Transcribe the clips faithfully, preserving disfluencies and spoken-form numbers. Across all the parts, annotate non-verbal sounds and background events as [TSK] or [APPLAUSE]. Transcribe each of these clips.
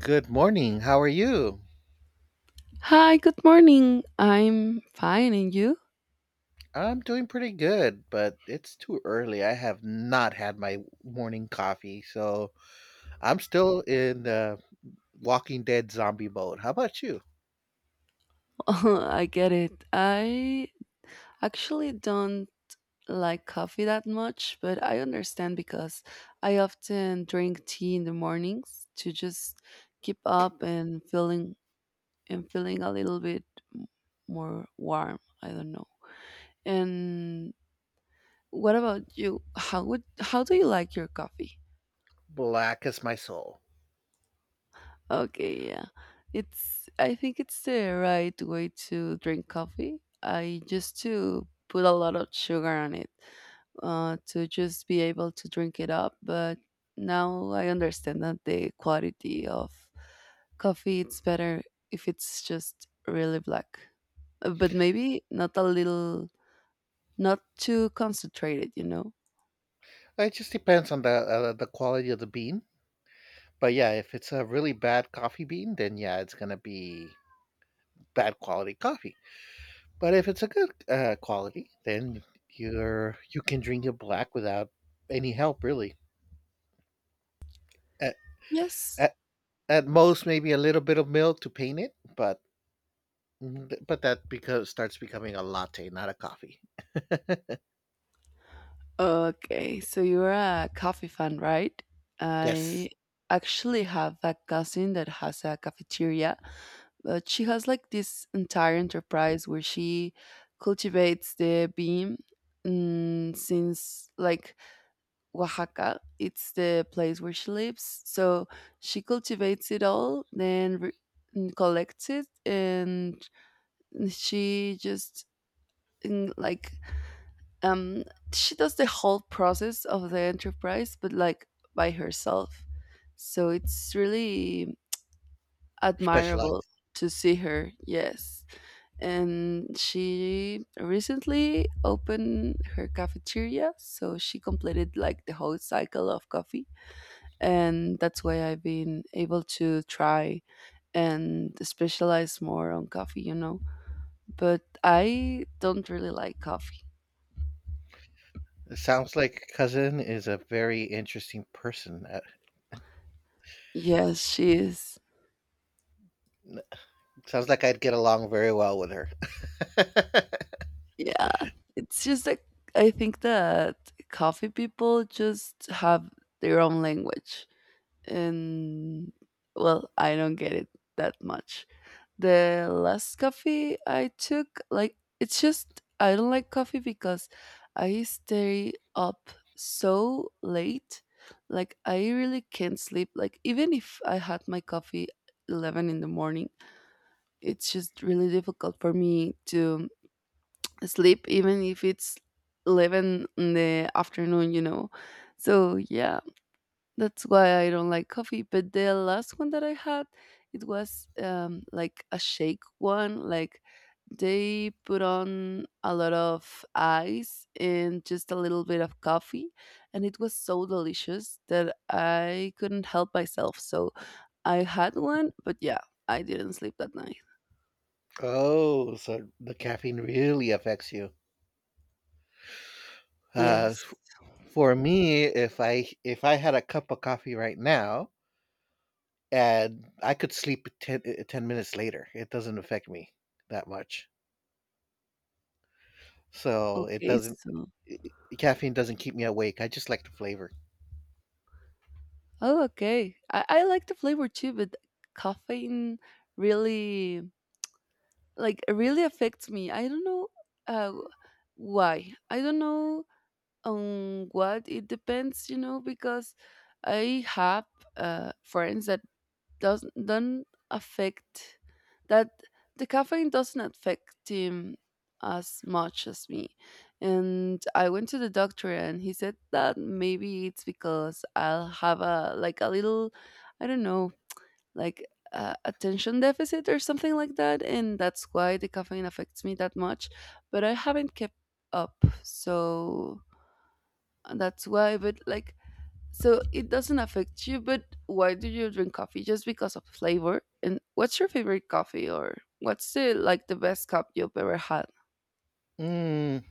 Good morning. How are you? Hi, good morning. I'm fine, and you? I'm doing pretty good, but it's too early. I have not had my morning coffee, so I'm still in the Walking Dead zombie mode. How about you? [LAUGHS] I get it. I actually don't like coffee that much, but I understand because I often drink tea in the mornings to just keep up and feeling and feeling a little bit m- more warm. I don't know. And what about you? How would how do you like your coffee? Black as my soul. Okay, yeah. It's I think it's the right way to drink coffee. I used to put a lot of sugar on it uh, to just be able to drink it up, but now I understand that the quality of coffee it's better if it's just really black. Uh, But maybe not a little not too concentrated, you know. It just depends on the uh, the quality of the bean. But yeah, if it's a really bad coffee bean, then yeah, it's gonna be bad quality coffee. But if it's a good uh, quality, then you're you can drink it black without any help, really. A- Yes. At most, maybe a little bit of milk to paint it, but but that because starts becoming a latte, not a coffee. [LAUGHS] Okay, so you're a coffee fan, right? Yes, I actually have a cousin that has a cafeteria, but she has like this entire enterprise where she cultivates the bean, mm, since like Oaxaca. It's the place where she lives. So she cultivates it all, then re- mm, collects it, and she just, mm, like, um she does the whole process of the enterprise, but like by herself. So it's really admirable specialized. to see her. Yes, and she recently opened her cafeteria, so she completed like the whole cycle of coffee, and that's why I've been able to try and specialize more on coffee you know but I don't really like coffee. It sounds like cousin is a very interesting person. Uh, yes, she is. n- sounds like I'd get along very well with her. [LAUGHS] Yeah, it's just like I think that coffee people just have their own language, and well, I don't get it that much. The last coffee I took, like, it's just I don't like coffee because I stay up so late. Like, I really can't sleep. Like, even if I had my coffee eleven in the morning, it's just really difficult for me to sleep even if it's eleven in the afternoon you know so yeah, that's why I don't like coffee. But the last one that I had, it was um like a shake one, like they put on a lot of ice and just a little bit of coffee, and it was so delicious that I couldn't help myself, so I had one. But yeah, I didn't sleep that night. Oh, so the caffeine really affects you. Uh, Yes. f- for me, if I if I had a cup of coffee right now and I could sleep ten, uh, ten minutes later, it doesn't affect me that much. So it Okay, doesn't so. eh, caffeine doesn't keep me awake. I just like the flavor. Oh, okay. I, I like the flavor too, but caffeine really, like it really affects me. I don't know uh, why. I don't know on what it depends, you know, because I have uh, friends that doesn't don't affect, that the caffeine doesn't affect him as much as me. And I went to the doctor, and he said that maybe it's because I'll have a like a little, I don't know, like uh, attention deficit or something like that, and that's why the caffeine affects me that much. But I haven't kept up, so uh, that's why. But like, so it doesn't affect you, but why do you drink coffee? Just because of flavor? And what's your favorite coffee, or what's the like the best cup you've ever had? Mm,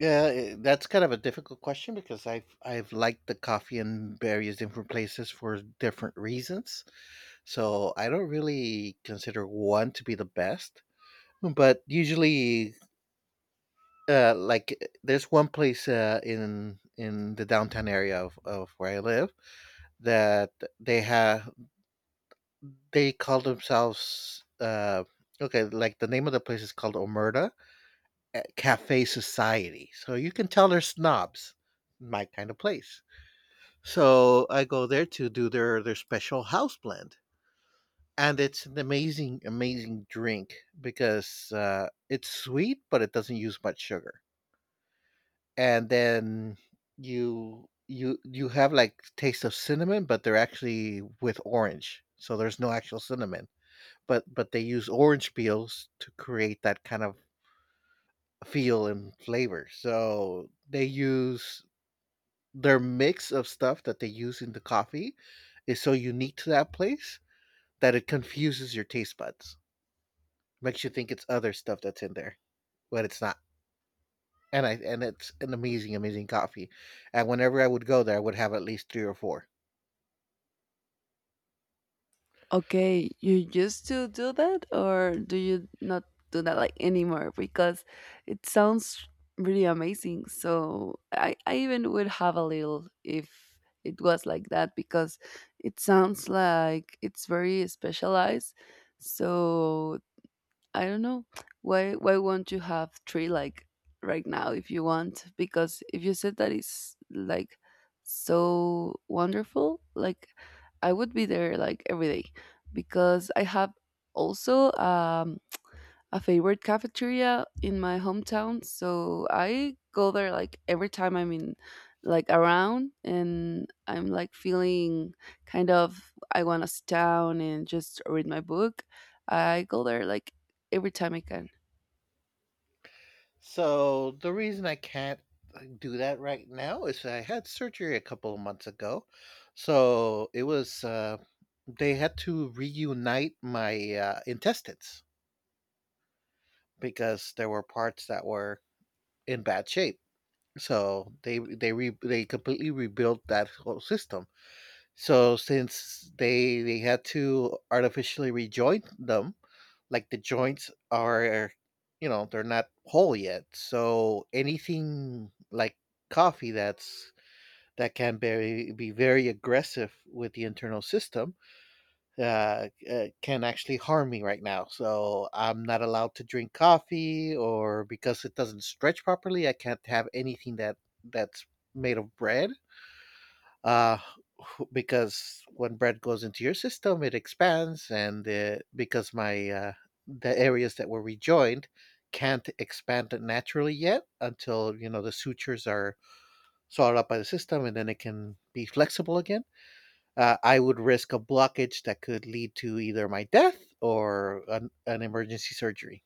yeah, i- that's kind of a difficult question because I've I've liked the coffee in various different places for different reasons. So I don't really consider one to be the best, but usually, uh, like uh, there's one place uh, in in the downtown area of, of where I live that they have they call themselves uh okay, like the name of the place is called Omerta at cafe society. So you can tell they're snobs, my kind of place. So I go there to do their their special house blend, and it's an amazing, amazing drink because uh, it's sweet, but it doesn't use much sugar. And then you you you have like taste of cinnamon, but they're actually with orange, so there's no actual cinnamon. But but they use orange peels to create that kind of feel and flavor. So they use their mix of stuff that they use in the coffee is so unique to that place that it confuses your taste buds. Makes you think it's other stuff that's in there when it's not. And I and it's an amazing, amazing coffee. And whenever I would go there, I would have at least three or four. Okay, you used to do that, or do you not do that like anymore? Because it sounds really amazing. So I, I even would have a little if it was like that, because it sounds like it's very specialized. So I don't know why why won't you have three like right now if you want, because if you said that it's like so wonderful, like I would be there like every day. Because I have also um a favorite cafeteria in my hometown. So I go there like every time I'm in, like around, and I'm like feeling kind of I want to sit down and just read my book. I go there like every time I can. So the reason I can't uh, do that right now is I had surgery a couple of months ago. So it was uh, they had to reunite my uh, intestines because there were parts that were in bad shape. So they they re, they completely rebuilt that whole system. So since they they had to artificially rejoin them, like the joints are, you know, they're not whole yet. So anything like coffee that's that can be be very aggressive with the internal system uh, uh, can actually harm me right now. So I'm not allowed to drink coffee, or because it doesn't stretch properly, I can't have anything that that's made of bread. Uh, [LAUGHS] because when bread goes into your system, it expands, and uh, because my uh, the areas that were rejoined can't expand it naturally yet until you know the sutures are swallowed up by the system, and then it can be flexible again. uh, I would risk a blockage that could lead to either my death or an, an emergency surgery.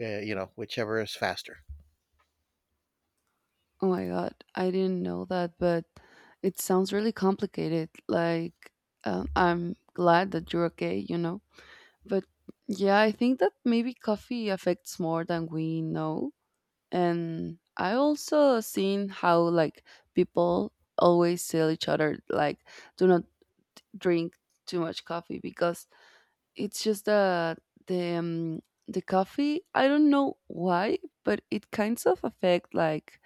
Uh, you know, whichever is faster. Oh my god, I didn't know that, but it sounds really complicated. Like, um, I'm glad that you're okay, you know. But yeah, I think that maybe coffee affects more than we know. And I also seen how like people always tell each other like, do not drink too much coffee, because it's just the the um, the coffee, I don't know why, but it kinds of affect like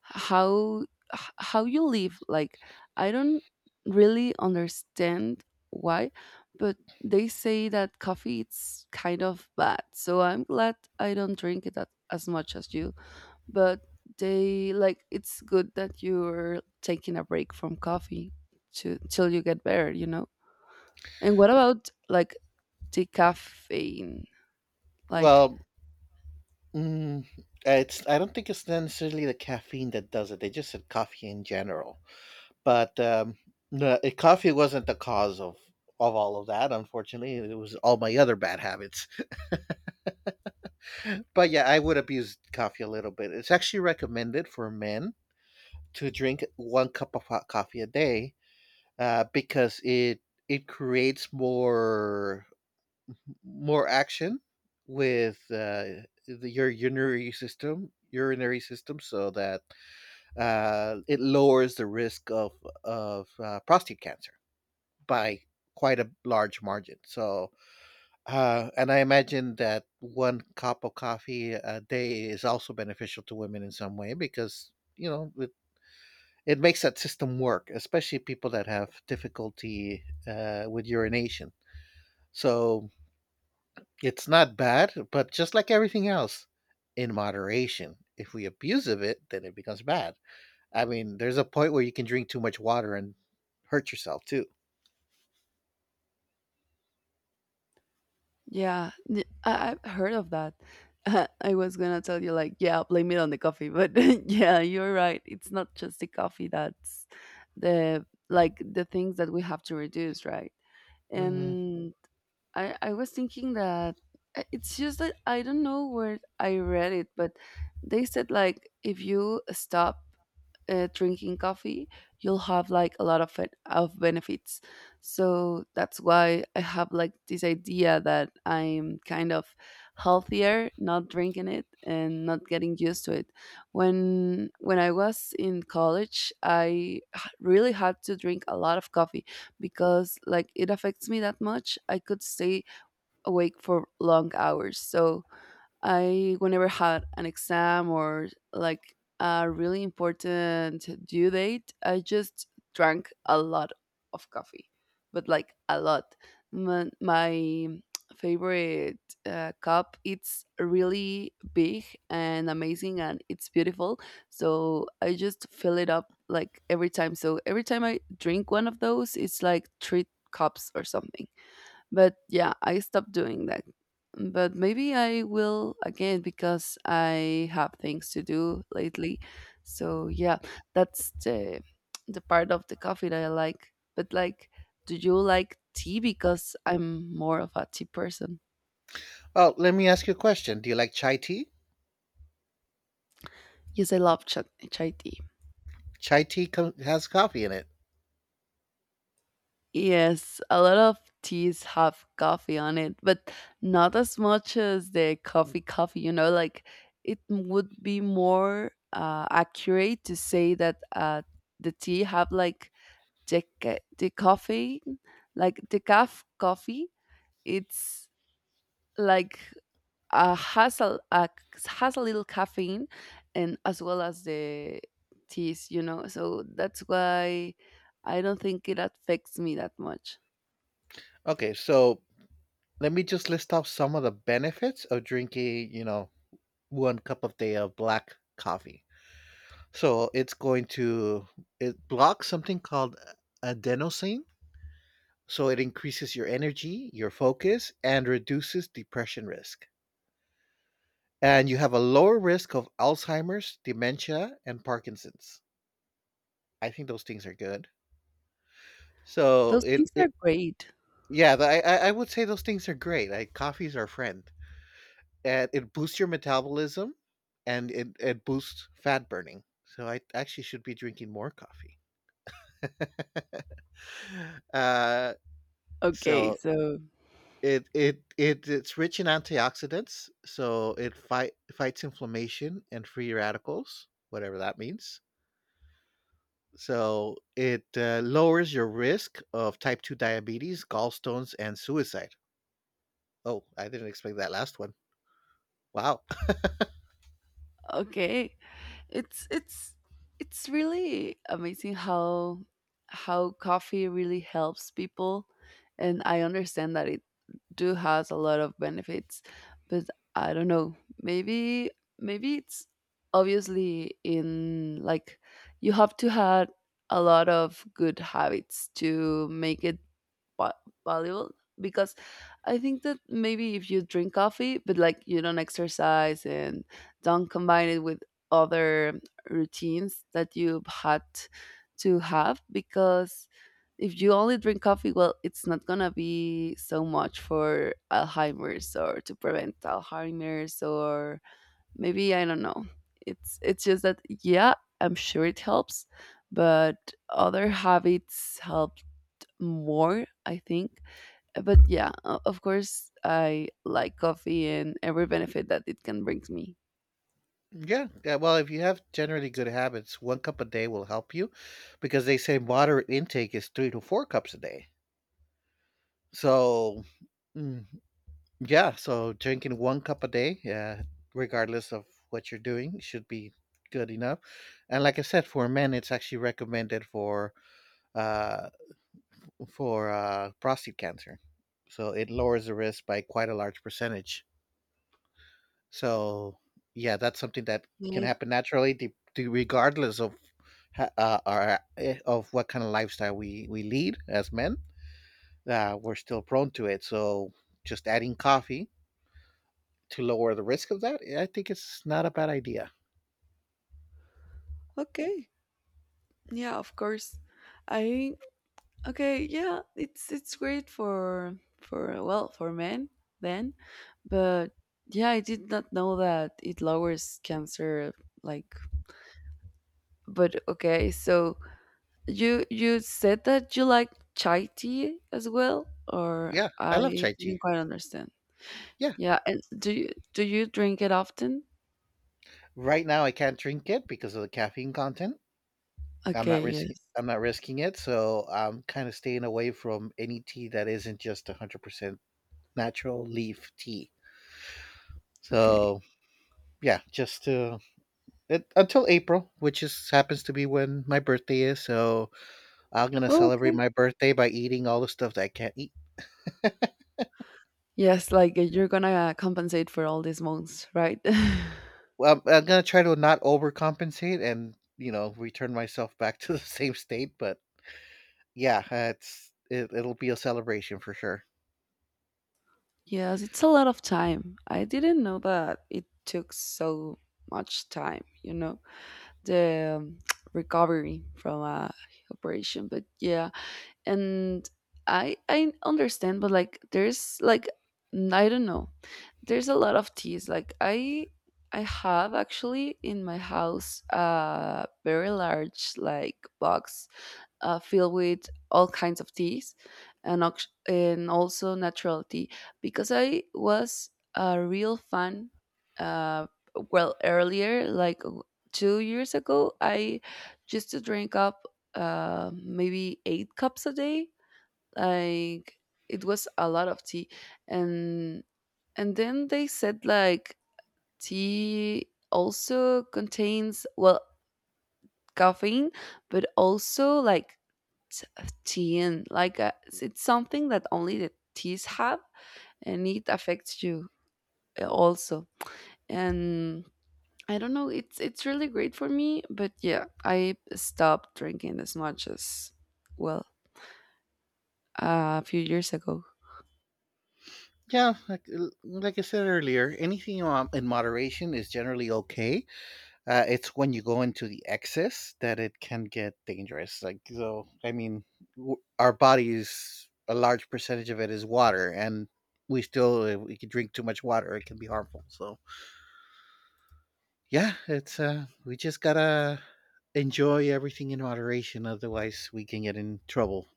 how, h- how you live. Like I don't really understand why, but they say that coffee it's kind of bad, so I'm glad I don't drink it that, as much as you. But they, like it's good that you're taking a break from coffee to till you get better, you know. And what about like decaffeine, like. Well, mm, it's I don't think it's necessarily the caffeine that does it. They just said coffee in general, but um, the eh, coffee wasn't the cause of of all of that. Unfortunately, it was all my other bad habits. But yeah, I would abuse coffee a little bit. It's actually recommended for men to drink one cup of hot coffee a day uh, because it it creates more more action with uh, the, your urinary system urinary system, so that uh, it lowers the risk of of uh, prostate cancer by quite a large margin. So uh, and i imagine that one cup of coffee a day is also beneficial to women in some way, because you know it, it makes that system work, especially people that have difficulty uh, with urination. So it's not bad, but just like everything else, in moderation. If we abuse of it, then it becomes bad. I mean, there's a point where you can drink too much water and hurt yourself too. Yeah, th- I have heard of that. [LAUGHS] I was gonna tell you like, yeah, blame it on the coffee, but [LAUGHS] yeah, you're right, it's not just the coffee that's the, like the things that we have to reduce, right? Hmm. And I, I was thinking that uh, it's just that I don't know where I read it, but they said like if you stop uh, drinking coffee, you'll have like a lot of it, of benefits. So that's why I have like this idea that I'm kind of healthier not drinking it and not getting used to it. When when I was in college, I h- really had to drink a lot of coffee, because like it affects me that much, I could stay awake for long hours. So I, whenever had an exam or like a really important due date, I just drank a lot of coffee, but like a lot. My, my favorite uh, cup it's really big and amazing and it's beautiful, so I just fill it up like every time. So every time I drink one of those, it's like three cups or something. But yeah, I stopped doing that. But maybe I will again because I have things to do lately. So yeah, that's the the part of the coffee that I like. But like, do you like tea? Because I'm more of a tea person. Oh, let me ask you a question. Do you like chai tea? Yes, I love ch- chai tea. Chai tea co- has coffee in it. Yes, a lot of teas have coffee on it, but not as much as the coffee coffee, you know, like it would be more uh, accurate to say that uh, the tea have like the ca- the coffee, like the calf coffee, it's like uh, has a, a, has a little caffeine and as well as the teas, you know. So that's why I don't think it affects me that much. Okay, so let me just list off some of the benefits of drinking, you know, one cup a day of black coffee. So it's going to it blocks something called adenosine. So it increases your energy, your focus, and reduces depression risk. And you have a lower risk of Alzheimer's, dementia, and Parkinson's. I think those things are good. So Those it, things are it great. Yeah, the, I I I would say those things are great. Like coffee is our friend, and it boosts your metabolism, and it it boosts fat burning. So I actually should be drinking more coffee. [LAUGHS] uh, Okay, so so It it it it's rich in antioxidants, so it fight fights inflammation and free radicals, whatever that means. So it uh, lowers your risk of type two diabetes, gallstones, and suicide. Oh, I didn't expect that last one. Wow. [LAUGHS] okay, it's it's it's really amazing how how coffee really helps people, and I understand that it do has a lot of benefits, but I don't know. Maybe Maybe it's obviously in like you have to have a lot of good habits to make it va- valuable, because I think that maybe if you drink coffee, but like you don't exercise and don't combine it with other routines that you've had to have. Because if you only drink coffee, well, it's not gonna be so much for Alzheimer's or to prevent Alzheimer's, or maybe I don't know. It's it's just that yeah, I'm sure it helps, but other habits helped more, I think. But yeah, o- of course I like coffee and every benefit that it can bring me. Yeah, yeah. Well, if you have generally good habits, one cup a day will help you, because they say moderate intake is three to four cups a day. So mm, yeah, so drinking one cup a day, uh, regardless of what you're doing, should be good enough. And like I said, for men, it's actually recommended for uh, for uh, prostate cancer, so it lowers the risk by quite a large percentage. So yeah, that's something that can I, happen naturally, de- de- regardless of ha- uh, our eh, of what kind of lifestyle we we lead as men. Uh, we're still prone to it. So just adding coffee to lower the risk of that, I think it's not a bad idea. okay, yeah, of course. I, okay, yeah, it's it's great for for well for men then. But yeah, I did not know that it lowers cancer, like. But okay, so you you said that you like chai tea as well, or? Yeah, I I love chai tea. didn't quite understand. Yeah, Yeah, and do you, do you drink it often? right now I can't drink it because of the caffeine content. I'm not Okay, yes. risking. I'm not risking it, so I'm kind of staying away from any tea that isn't just one hundred percent natural leaf tea. Okay. So yeah, just to it, until April, which is happens to be when my birthday is. So I'm gonna Oh, celebrate okay. my birthday by eating all the stuff that I can't eat. Yes, like uh, you're gonna compensate for all these months, right? [LAUGHS] Well, I'm I'm gonna try to not overcompensate and, you know, return myself back to the [LAUGHS] same state, but yeah, uh, it's it, it'll be a celebration for sure. Yes, it's a lot of time. I didn't know that it took so much time, you know, the um, [TSK] recovery from a operation. But yeah, and I I understand, but like there's like, n- I don't know. There's a lot of teas. Like I I have actually in my house a very large like box uh, filled with all kinds of teas and, ox- and also natural tea, because I was a real fan. Uh, well, earlier, like w- two years ago, I used to drink up uh, maybe eight cups a day. Like it was a lot of tea, and and then they said like tea also contains, well, caffeine, but also like teen, like uh, it's something that only the teens have, and it affects you uh, also. And I don't know, it's it's really great for me, but yeah, I stopped drinking as much as, well, a few years ago. Yeah, like, like I said earlier, anything um, in moderation is generally okay. Uh, it's when you go into the excess that it can get dangerous. Like, so, I mean, w- our bodies, a large percentage of it is water, and we still, if we could drink too much water, it can be harmful. So, yeah, it's uh we just gotta enjoy everything in moderation, otherwise we can get in trouble.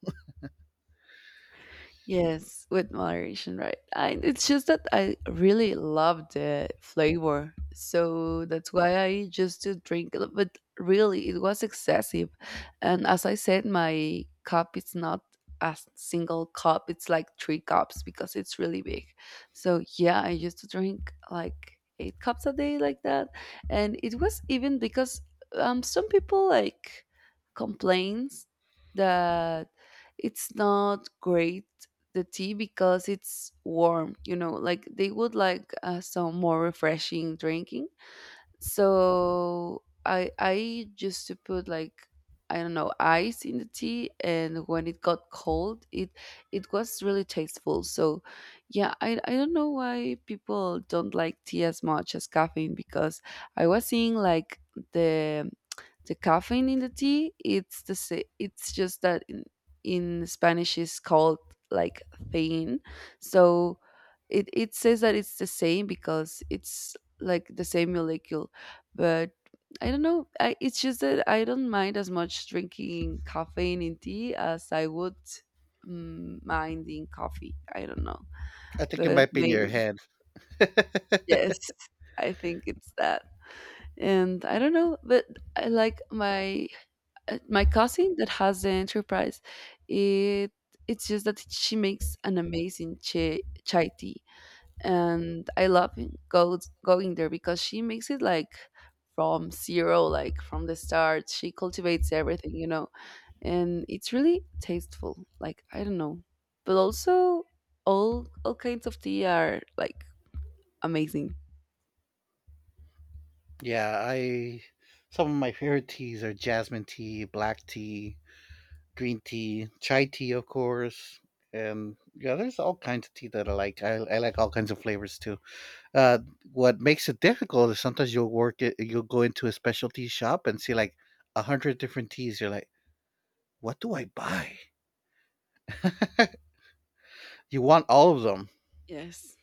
Yes, with moderation, right? I, it's just that I really love the flavor, so that's why I used to drink it. But really, it was excessive, and as I said, my cup is not a single cup, it's like three cups because it's really big. So yeah, I used to drink like eight cups a day, like that. And it was even because um some people like complains that it's not great the tea because it's warm, you know, like they would like uh, some more refreshing drinking. So I I used to put like I don't know ice in the tea, and when it got cold, it it was really tasteful. So yeah, I I don't know why people don't like tea as much as caffeine because I was seeing like the the caffeine in the tea. It's the sa- it's just that in, in Spanish is called like thein. So it it says that it's the same because it's like the same molecule but I don't know. I, it's just that I don't mind as much drinking caffeine in tea as I would mm, mind in coffee. I don't know. I think it But might be in your maybe, head. yes, I think it's that. And I don't know, but I like my uh, my cousin that has the enterprise. It it's just that she makes an amazing chai, chai tea and I love go going there because she makes it like from zero, like from the start. She cultivates everything, you know, and it's really tasteful. Like I don't know, but also all all kinds of tea are like amazing. Yeah, I some of my favorite teas are jasmine tea, black tea, green tea, chai tea of course. And yeah, there's all kinds of tea that I like. I, I like all kinds of flavors too. Uh, what makes it difficult is sometimes you'll work it, you'll go into a specialty shop and see like a hundred different teas. You're like, what do I buy? You want all of them, Yes.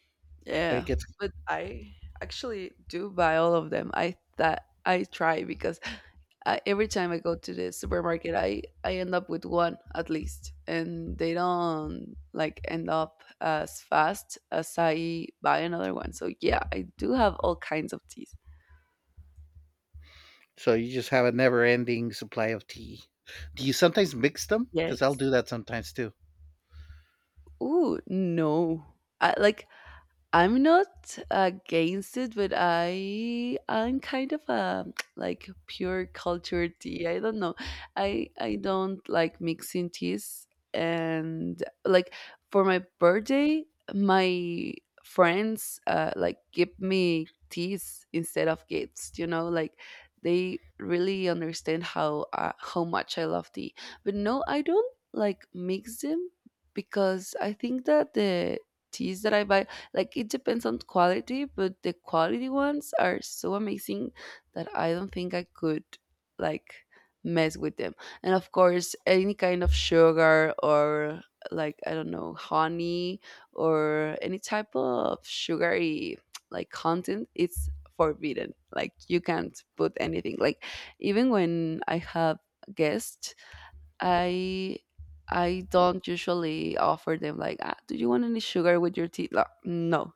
it Yeah. gets But I actually do buy all of them. I that I try because I, every time I go to the supermarket, I I end up with one at least, and they don't like end up as fast as I buy another one. So yeah, I do have all kinds of teas. so you just have a never-ending supply of tea. Do you sometimes mix them? Because I'll Yes. do that sometimes too. Ooh, no. I like I'm not against it, but I am kind of a [TSK] like pure culture tea. I don't know. I I don't like mixing teas, and like for my birthday, my friends uh, like give me teas instead of gifts. You know, like they really understand how uh, how much I love tea. But no, I don't like mix them because I think that the teas that I buy like it depends on quality, but the quality ones are so amazing that I don't think I could like mess with them. And of course, any kind of sugar or like I don't know, honey or any type of sugary [TSK] like content, it's forbidden. Like you can't put anything. Like even when I have guests, I I don't usually offer them like, ah, do you want any sugar with your tea? Like, no,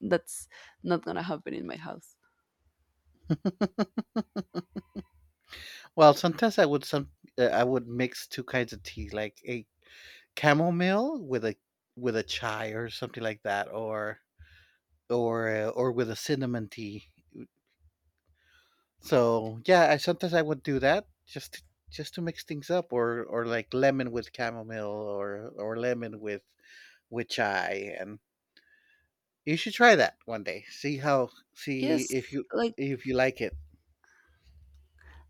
that's not gonna happen in my house. Well, sometimes I would some uh, I would mix two kinds of tea, like a chamomile with a with a chai or something like that, or or uh, or with a cinnamon tea. So yeah, I sometimes I would do that just to, just to mix things up, or or like lemon with chamomile, or or lemon with with chai, and you should try that one day. See how see Yes, if you like if you like it.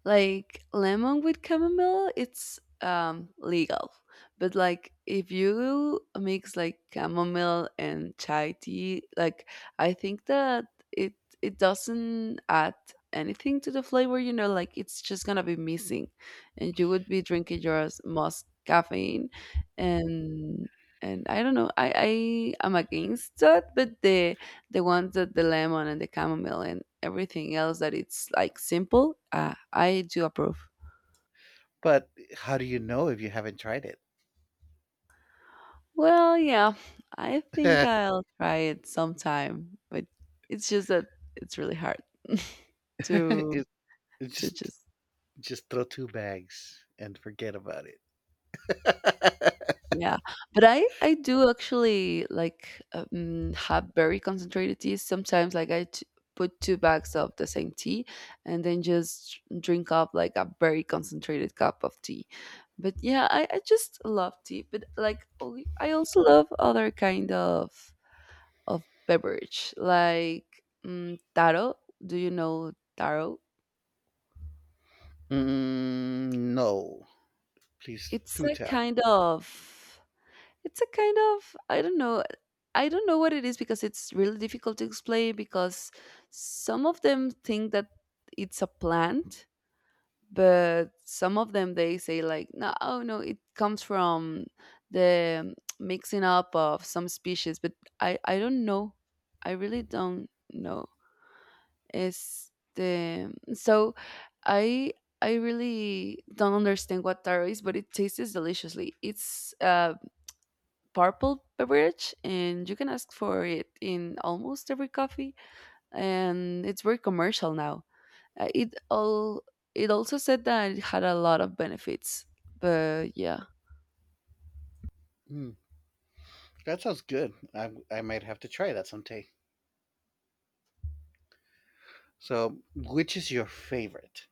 like lemon with chamomile, it's um legal. But like if you mix like chamomile and chai tea, like I think that it it doesn't add anything to the flavor, you know, like it's just gonna be missing and you would be drinking yours most caffeine and and I don't know, I, I am against that, but the the ones that the lemon and the chamomile and everything else that it's like simple uh, I do approve. But how do you know if you haven't tried it? Well, yeah, I think [LAUGHS] I'll try it sometime, but it's just that it's really hard [LAUGHS] to it, it to just just just throw two bags and forget about it. [LAUGHS] Yeah, but I I do actually like, um, have very concentrated teas sometimes, like, I t put two bags of the same tea and then just drink up, like, a very concentrated cup of tea. But yeah, I I just love tea, but, like, only I also love other kind of of beverage, like, mm, taro. Do you know taro? Mm, no, please It's do a tell. kind of It's a kind of I don't know. I don't know what it is because it's really difficult to explain because some of them think that it's a plant, but some of them they say like no, oh no, it comes from the mixing up of some species, but I I don't know. I really don't know. Is the so I I really don't understand what taro is, but it tastes deliciously. It's uh purple beverage and you can ask for it in almost every coffee and it's very commercial now. Uh, it all it also said that it had a lot of benefits, but yeah. Mm, that sounds good. I I might have to try that someday. So, which is your favorite?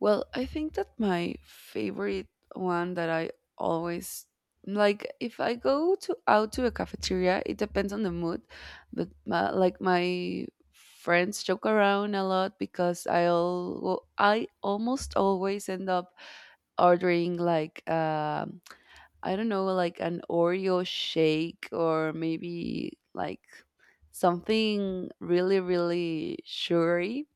Well, I think that my favorite one that I always like if I go to out to a cafeteria it depends on the mood, but my, like my friends joke around a lot because i all I almost always end up ordering like um I don't know, like an Oreo shake or maybe like something really, really sugary,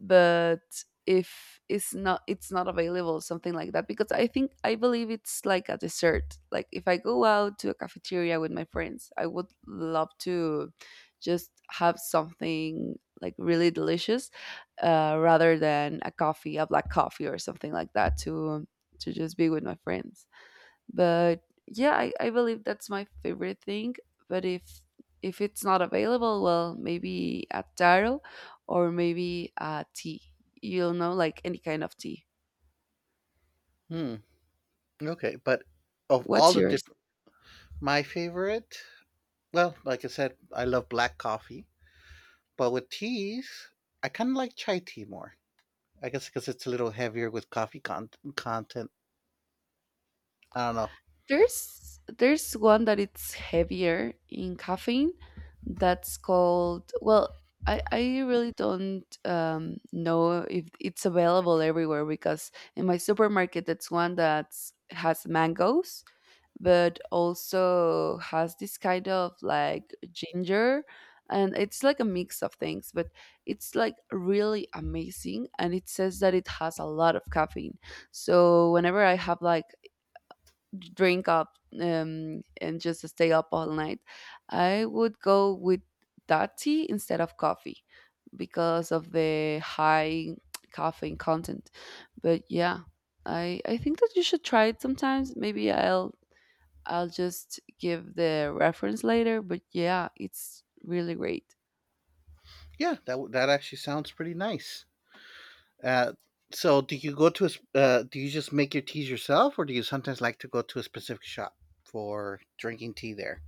but if it's not it's not available something like that because i think I believe it's like a dessert. Like if I go out to a cafeteria with my friends I would love to just have something like really delicious, uh, rather than a coffee a black coffee or something like that to to just be with my friends. But yeah I, I believe that's my favorite thing. But if if it's not available, well maybe a taro or maybe a tea, you'll know, like any kind of tea. Hmm. Okay, but of all What's the yours? my favorite, well, like I said, I love black coffee, but with teas, I kind of like chai tea more. I guess because it's a little heavier with coffee con- content. I don't know. There's there's one that it's heavier in caffeine that's called well I, I really don't um, know if it's available everywhere because in my supermarket that's one that has mangoes but also has this kind of like ginger and it's like a mix of things but it's like really amazing and it says that it has a lot of caffeine, so whenever I have like drink up, um, and just stay up all night, I would go with that tea instead of coffee because of the high [TSK] caffeine content. But yeah, i i think that you should try it sometimes. Maybe i'll I'll just give the reference later, but yeah, it's really great. Yeah, that w- that actually sounds pretty nice. Uh, so, do you go to a, sp- uh, do you just make your teas yourself, or do you sometimes like to go to a specific shop for drinking tea there?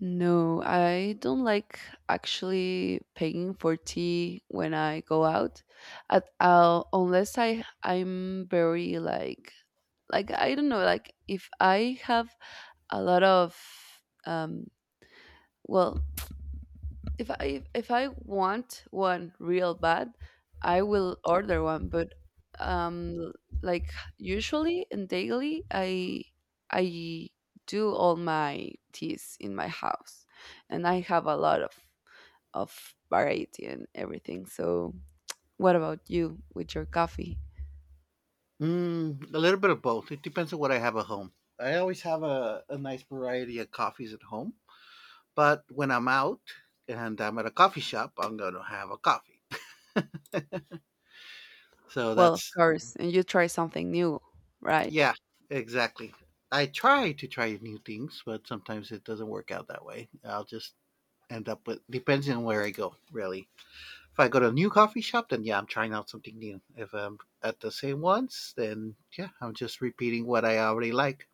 No, I don't like actually paying for tea when I go out. At uh, unless I I'm very like like I don't know like if I have a lot of um well if I if I want one real bad, I will order one. But um, like usually and daily, I I do all my teas in my house, and I have a lot of of variety and everything. So what about you with your coffee? Mm, a little bit of both. It depends on what I have at home. I always have a, a nice variety of coffees at home. But when I'm out and I'm at a coffee shop, I'm going to have a coffee. So Well, of that's, course, and you try something new, right? yeah, exactly. I try to try new things, but sometimes it doesn't work out that way. I'll just end up with, depends on where I go, really. If I go to a new coffee shop, then yeah, I'm trying out something new. If I'm at the same ones, then yeah, I'm just repeating what I already like.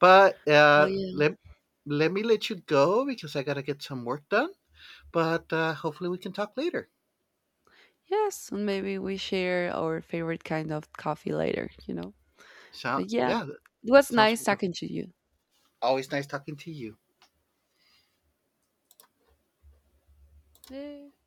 But Well, uh, yeah. let, let me let you go because I got to get some work done. But uh, hopefully we can talk later. Yes, and maybe we share our favorite kind of coffee later. You know. So But yeah, yeah, that it was sounds nice wonderful. talking to you. Always nice talking to you. Yeah.